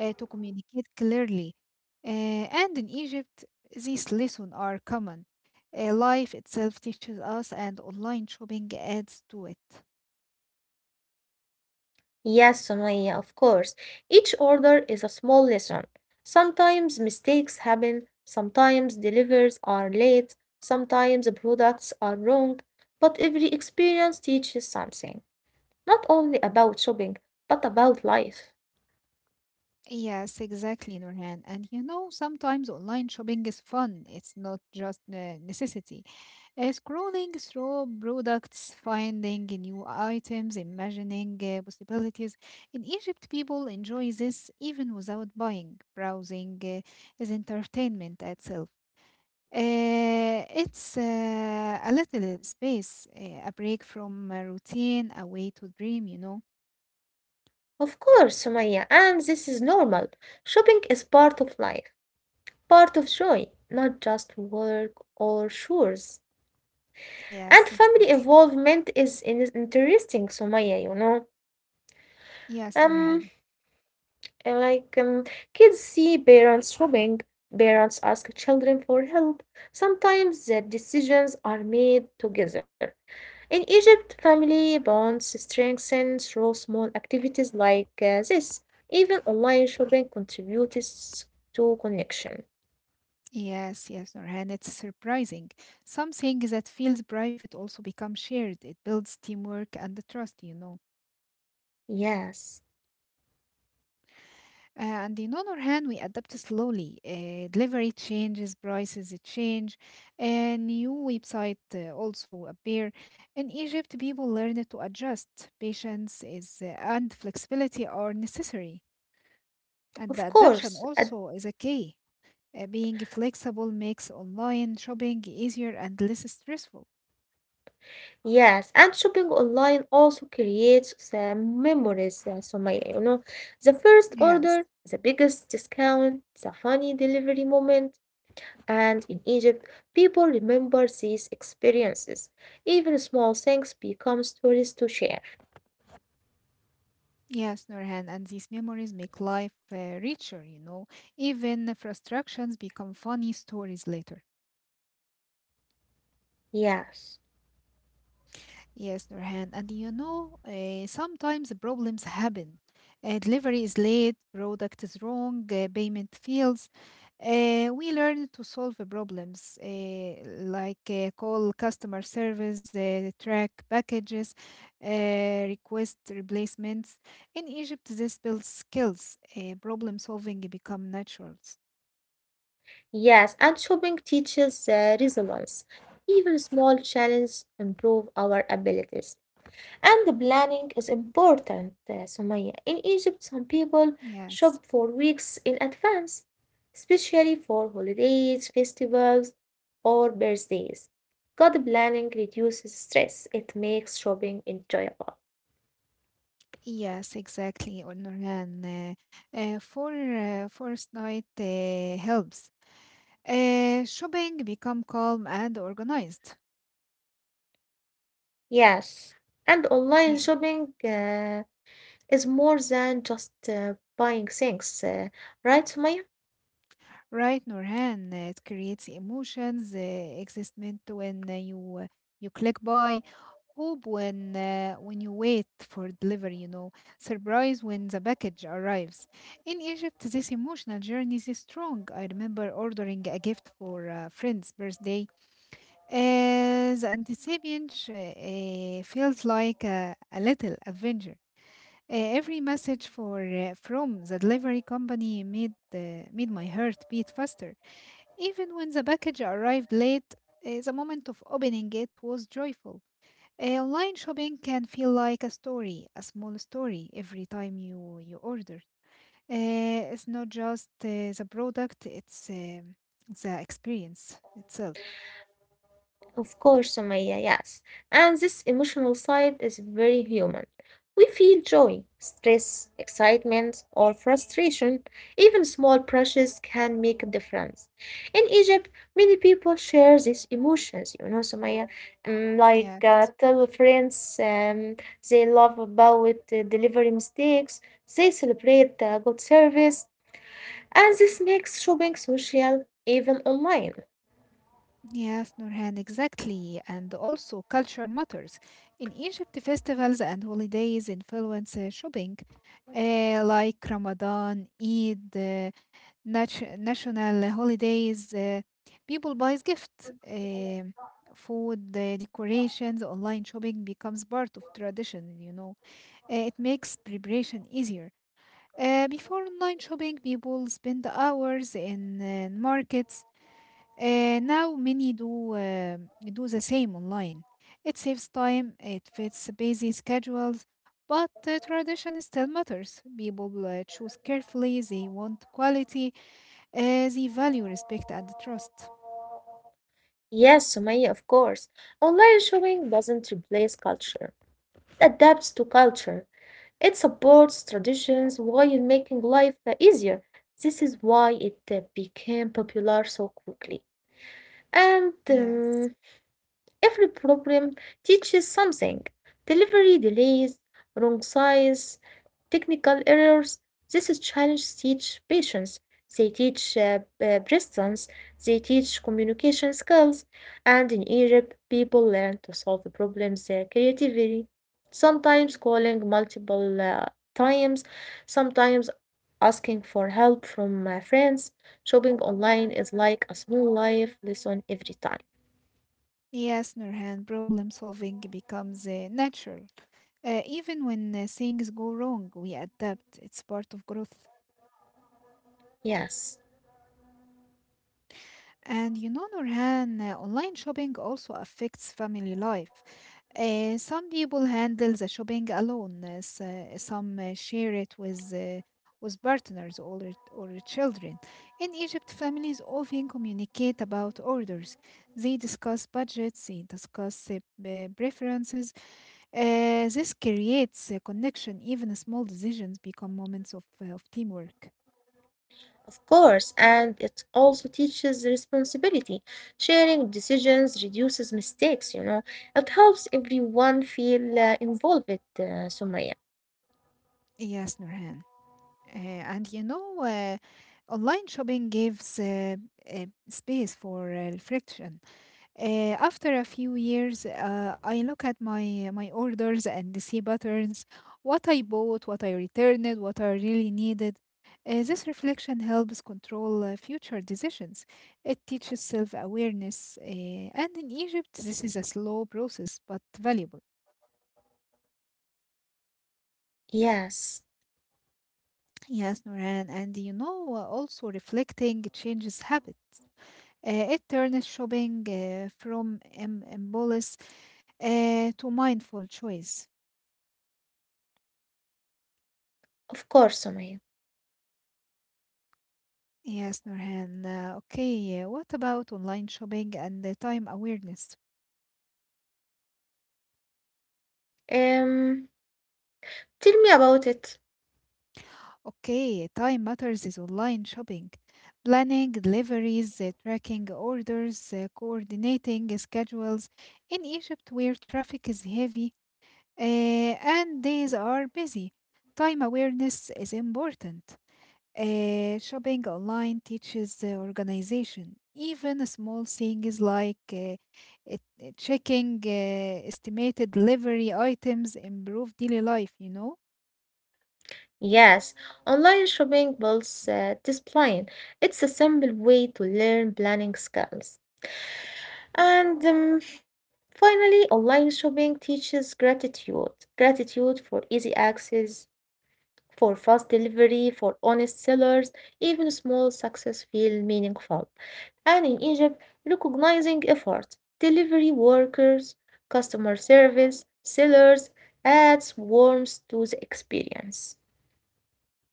[SPEAKER 2] uh, to communicate clearly. Uh, and in Egypt, these lessons are common. Uh, life itself teaches us, and online shopping adds to it.
[SPEAKER 1] Yes, Sumaya, of course. Each order is a small lesson. Sometimes mistakes happen, sometimes deliveries are late, sometimes products are wrong, but every experience teaches something. Not only about shopping, but about life.
[SPEAKER 2] Yes, exactly, Nurhan. And you know, sometimes online shopping is fun. It's not just a necessity. Uh, scrolling through products, finding new items, imagining uh, possibilities. In Egypt, people enjoy this even without buying. Browsing uh, is entertainment itself. Uh, it's uh, a little space, uh, a break from a routine, a way to dream, you know?
[SPEAKER 1] Of course, Sumaya, and this is normal. Shopping is part of life, part of joy, not just work or chores.
[SPEAKER 2] Yes,
[SPEAKER 1] And family
[SPEAKER 2] exactly.
[SPEAKER 1] involvement is in- interesting, Sumaya, you know.
[SPEAKER 2] Yes,
[SPEAKER 1] Um,
[SPEAKER 2] Norhan.
[SPEAKER 1] And like um, kids see parents shopping, parents ask children for help. Sometimes the decisions are made together. In Egypt, family bonds strengthen through small activities like uh, this. Even online shopping contributes to connection.
[SPEAKER 2] Yes, yes, Norhan. It's surprising. Something that feels private also becomes shared. It builds teamwork and the trust, you know?
[SPEAKER 1] Yes,
[SPEAKER 2] Uh, And in other hand, we adapt slowly. Uh, delivery changes, prices change, and new website uh, also appear. In Egypt, people learn to adjust. Patience is uh, and flexibility are necessary, and the
[SPEAKER 1] of
[SPEAKER 2] adaptation
[SPEAKER 1] course. At
[SPEAKER 2] also is a key. Uh, being flexible makes online shopping easier and less stressful.
[SPEAKER 1] Yes, and shopping online also creates the memories. uh, So my, you know, the first order,
[SPEAKER 2] Yes,
[SPEAKER 1] the biggest discount, the funny delivery moment, and in Egypt, people remember these experiences. Even small things become stories to share.
[SPEAKER 2] yes, Nurhan, and these memories make life uh, richer. You know, even frustrations become funny stories later.
[SPEAKER 1] Yes,
[SPEAKER 2] Yes, Nurhan. And you know, uh, sometimes problems happen. Uh, delivery is late, product is wrong, uh, payment fails. Uh, we learn to solve the problems, uh, like uh, call customer service, uh, track packages, uh, request replacements. In Egypt, this builds skills. Uh, problem solving become naturals.
[SPEAKER 1] yes, and shopping teaches uh, resilience. Even small challenges improve our abilities. And the planning is important, uh, Sumaya. In Egypt, some people shop
[SPEAKER 2] Yes.
[SPEAKER 1] for weeks in advance, especially for holidays, festivals, or birthdays. Good planning reduces stress. It makes shopping enjoyable.
[SPEAKER 2] Yes, exactly, Nurhan. Uh, uh, for uh, first night uh, helps. Uh, shopping become calm and organized.
[SPEAKER 1] Yes, and online
[SPEAKER 2] Yeah.
[SPEAKER 1] shopping uh, is more than just uh, buying things, uh, right, Sumaya?
[SPEAKER 2] Right, Nurhan, uh, it creates emotions, uh, excitement when uh, you uh, you click buy, hope when uh, when you wait for delivery, you know, surprise when the package arrives. In Egypt, this emotional journey is strong. I remember ordering a gift for a friend's birthday. Uh, the anticipation uh, uh, feels like a, a little adventure. Uh, every message for uh, from the delivery company made uh, made my heart beat faster. Even when the package arrived late, uh, the moment of opening it was joyful. Uh, online shopping can feel like a story, a small story every time you you order. Uh, it's not just uh, the product; it's um the experience itself.
[SPEAKER 1] Of course, Sumaya, yes. And this emotional side is very human. We feel joy, stress, excitement, or frustration. Even small brushes can make a difference. In Egypt, many people share these emotions, you know, Sumaya, um, like
[SPEAKER 2] Yeah.
[SPEAKER 1] uh, tell friends um, they love about uh, delivery mistakes, they celebrate uh, good service, and this makes shopping social even online.
[SPEAKER 2] Yes, Nurhan, exactly. And also, culture matters. In Egypt, festivals and holidays influence uh, shopping, uh, like Ramadan, Eid, uh, nat- national holidays. Uh, people buy gifts, uh, food, uh, decorations. Online shopping becomes part of tradition, you know. Uh, it makes preparation easier. Uh, before online shopping, people spend hours in uh, markets. Uh, now many do uh, do the same online. It saves time, it fits busy schedules, but uh, tradition still matters. People uh, choose carefully, they want quality, uh, they value respect and trust.
[SPEAKER 1] Yes, Sumaya, of course. Online shopping doesn't replace culture. It adapts to culture. It supports traditions while making life uh, easier. This is why it uh, became popular so quickly. And
[SPEAKER 2] Yes.
[SPEAKER 1] um, Every problem teaches something, delivery delays, wrong size, technical errors. These challenges teach patience, they teach uh, uh, persistence, they teach communication skills, and in Egypt, people learn to solve problems uh, creatively, sometimes calling multiple uh, times, sometimes asking for help from my friends. Shopping online is like a small life lesson every time.
[SPEAKER 2] Yes, Nurhan, problem solving becomes uh, natural. Uh, even when uh, things go wrong, we adapt. It's part of growth.
[SPEAKER 1] Yes.
[SPEAKER 2] And you know, Nurhan, uh, online shopping also affects family life. Uh, some people handle the shopping alone, uh, s- uh, some uh, share it with, uh, with partners or, or children. In Egypt, families often communicate about orders. They discuss budgets, they discuss uh, p- preferences. Uh, this creates a connection. Even small decisions become moments of, uh, of teamwork.
[SPEAKER 1] Of course, and it also teaches responsibility. Sharing decisions reduces mistakes, you know. It helps everyone feel uh, involved, uh, Sumaya.
[SPEAKER 2] Yes, Nurhan. Uh, and you know, uh, online shopping gives uh, uh, space for uh, friction. Uh, after a few years, uh, I look at my my orders and see patterns, what I bought, what I returned, what I really needed. Uh, this reflection helps control uh, future decisions. It teaches self awareness, uh, and in Egypt, this is a slow process but valuable.
[SPEAKER 1] Yes,
[SPEAKER 2] Yes, Noran, and you know, uh, also reflecting changes habit. Uh, it turns shopping uh, from im- impulse uh, to mindful choice.
[SPEAKER 1] of course, Sumaya.
[SPEAKER 2] Yes, Nurhan. Uh, okay, uh, what about online shopping and the time awareness?
[SPEAKER 1] Um, tell me about it.
[SPEAKER 2] Okay, time matters is online shopping. Planning deliveries, uh, tracking orders, uh, coordinating schedules. In Egypt, where traffic is heavy uh, and days are busy, time awareness is important. Uh, shopping online teaches uh, organization. Even a small things like uh, it- uh, checking uh, estimated delivery items improve daily life, you know?
[SPEAKER 1] Yes, online shopping builds uh, discipline. It's a simple way to learn planning skills. And um, Finally, online shopping teaches gratitude. Gratitude for easy access, for fast delivery, for honest sellers, even small success feel meaningful. And in Egypt, recognizing effort, delivery workers, customer service, sellers adds warmth to the experience.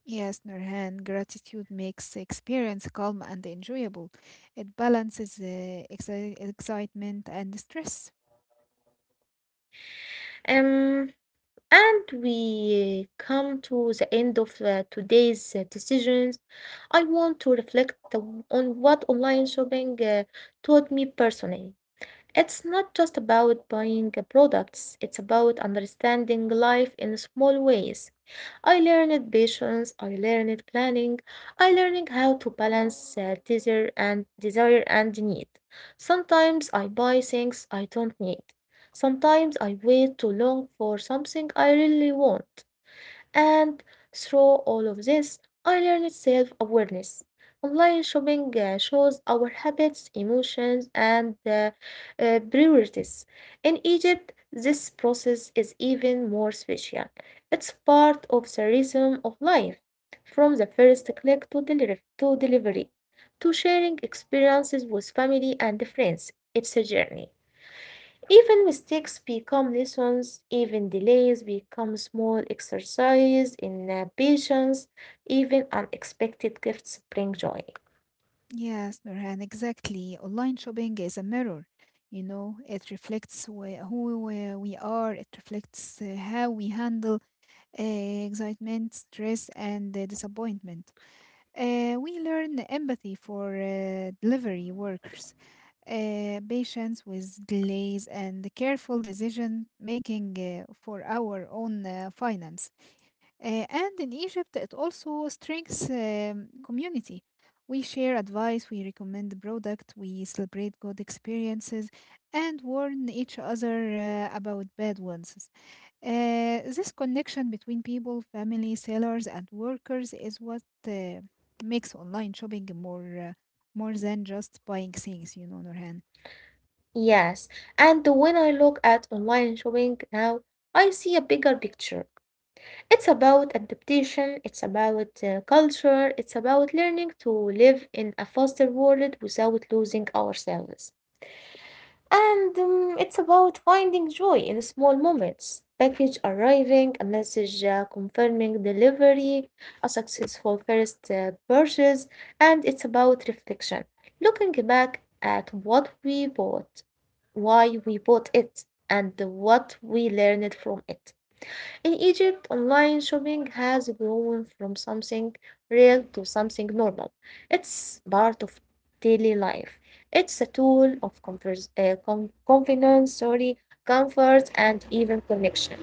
[SPEAKER 2] Yes, Nurhan, gratitude makes the experience calm and enjoyable. It balances uh, exci- excitement and stress.
[SPEAKER 1] Um, and we come to the end of uh, today's uh, decisions. I want to reflect uh, on what online shopping uh, taught me personally. It's not just about buying uh, products, it's about understanding life in small ways. I learned patience, I learned planning, I learned how to balance uh, desire and desire and need. Sometimes I buy things I don't need. Sometimes I wait too long for something I really want. And through all of this, I learned self awareness. Online shopping uh, shows our habits, emotions, and uh, uh, priorities. In Egypt, this process is even more special. It's part of the rhythm of life, from the first click to, deliver- to delivery, to sharing experiences with family and friends. It's a journey. Even mistakes become lessons, even delays become small exercise in uh, patience, even unexpected gifts bring joy.
[SPEAKER 2] Yes, Nurhan, exactly. Online shopping is a mirror. You know, it reflects wh- who we we are, it reflects uh, how we handle uh, excitement, stress, and uh, disappointment. Uh, we learn empathy for uh, delivery workers, uh, patience with delays, and careful decision making uh, for our own uh, finance. Uh, and in Egypt, it also strengthens um, community. We share advice, we recommend the product, we celebrate good experiences, and warn each other uh, about bad ones. Uh, this connection between people, family, sellers, and workers is what uh, makes online shopping more, uh, more than just buying things, you know, Norhan.
[SPEAKER 1] Yes, and when I look at online shopping now, I see a bigger picture. It's about adaptation, it's about uh, culture, it's about learning to live in a faster world without losing ourselves. And um, it's about finding joy in small moments. Package arriving, a message uh, confirming delivery, a successful first uh, purchase, and it's about reflection. Looking back at what we bought, why we bought it, and what we learned from it. In Egypt, online shopping has grown from something real to something normal. It's part of daily life. It's a tool of convers- uh, com- confidence, sorry, comfort, and even connection.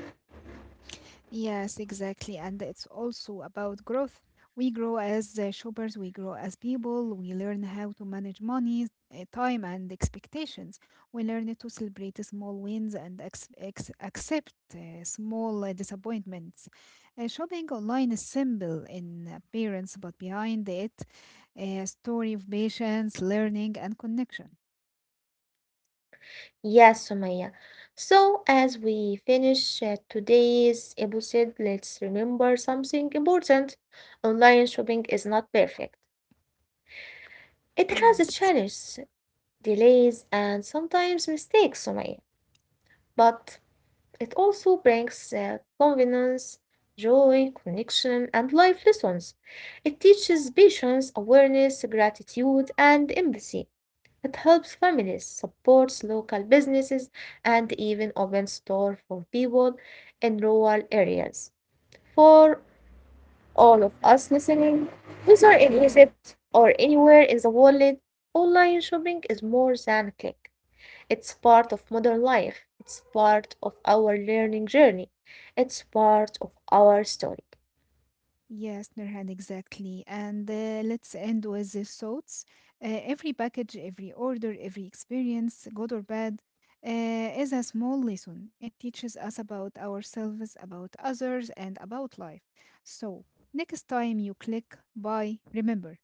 [SPEAKER 2] Yes, exactly. And it's also about growth. We grow as uh, shoppers, we grow as people, we learn how to manage money, uh, time, and expectations. We learn to celebrate small wins and ex ex accept uh, small uh, disappointments. Uh, shopping online is simple in appearance, but behind it, a story of patience, learning, and connection.
[SPEAKER 1] Yes, Sumaya. So, as we finish uh, today's episode, let's remember something important. Online shopping is not perfect. It has a
[SPEAKER 2] Yes.
[SPEAKER 1] challenge, delays, and sometimes mistakes, Sumaya. But it also brings uh, confidence, joy, connection, and life lessons. It teaches patience, awareness, gratitude, and empathy. It helps families, supports local businesses, and even opens store for people in rural areas. For all of us listening, whether in Egypt or anywhere in the world, online shopping is more than a click. It's part of modern life. It's part of our learning journey. It's part of our story.
[SPEAKER 2] Yes, Nurhan, exactly. And uh, let's end with the thoughts. Uh, every package, every order, every experience, good or bad, uh, is a small lesson. It teaches us about ourselves, about others, and about life. So, next time you click buy, remember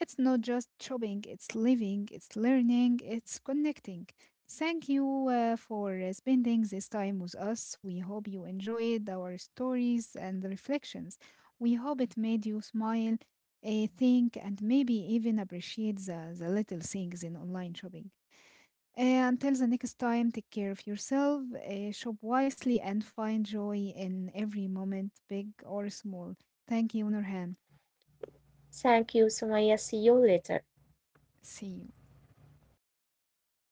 [SPEAKER 2] it's not just shopping, it's living, it's learning, it's connecting. Thank you uh, for uh, spending this time with us. We hope you enjoyed our stories and reflections. We hope it made you smile, uh, think, and maybe even appreciate the, the little things in online shopping. Uh, until the next time, take care of yourself, uh, shop wisely, and find joy in every moment, big or small. Thank you, Nurhan.
[SPEAKER 1] Thank you, Sumaya. See you later.
[SPEAKER 2] See you.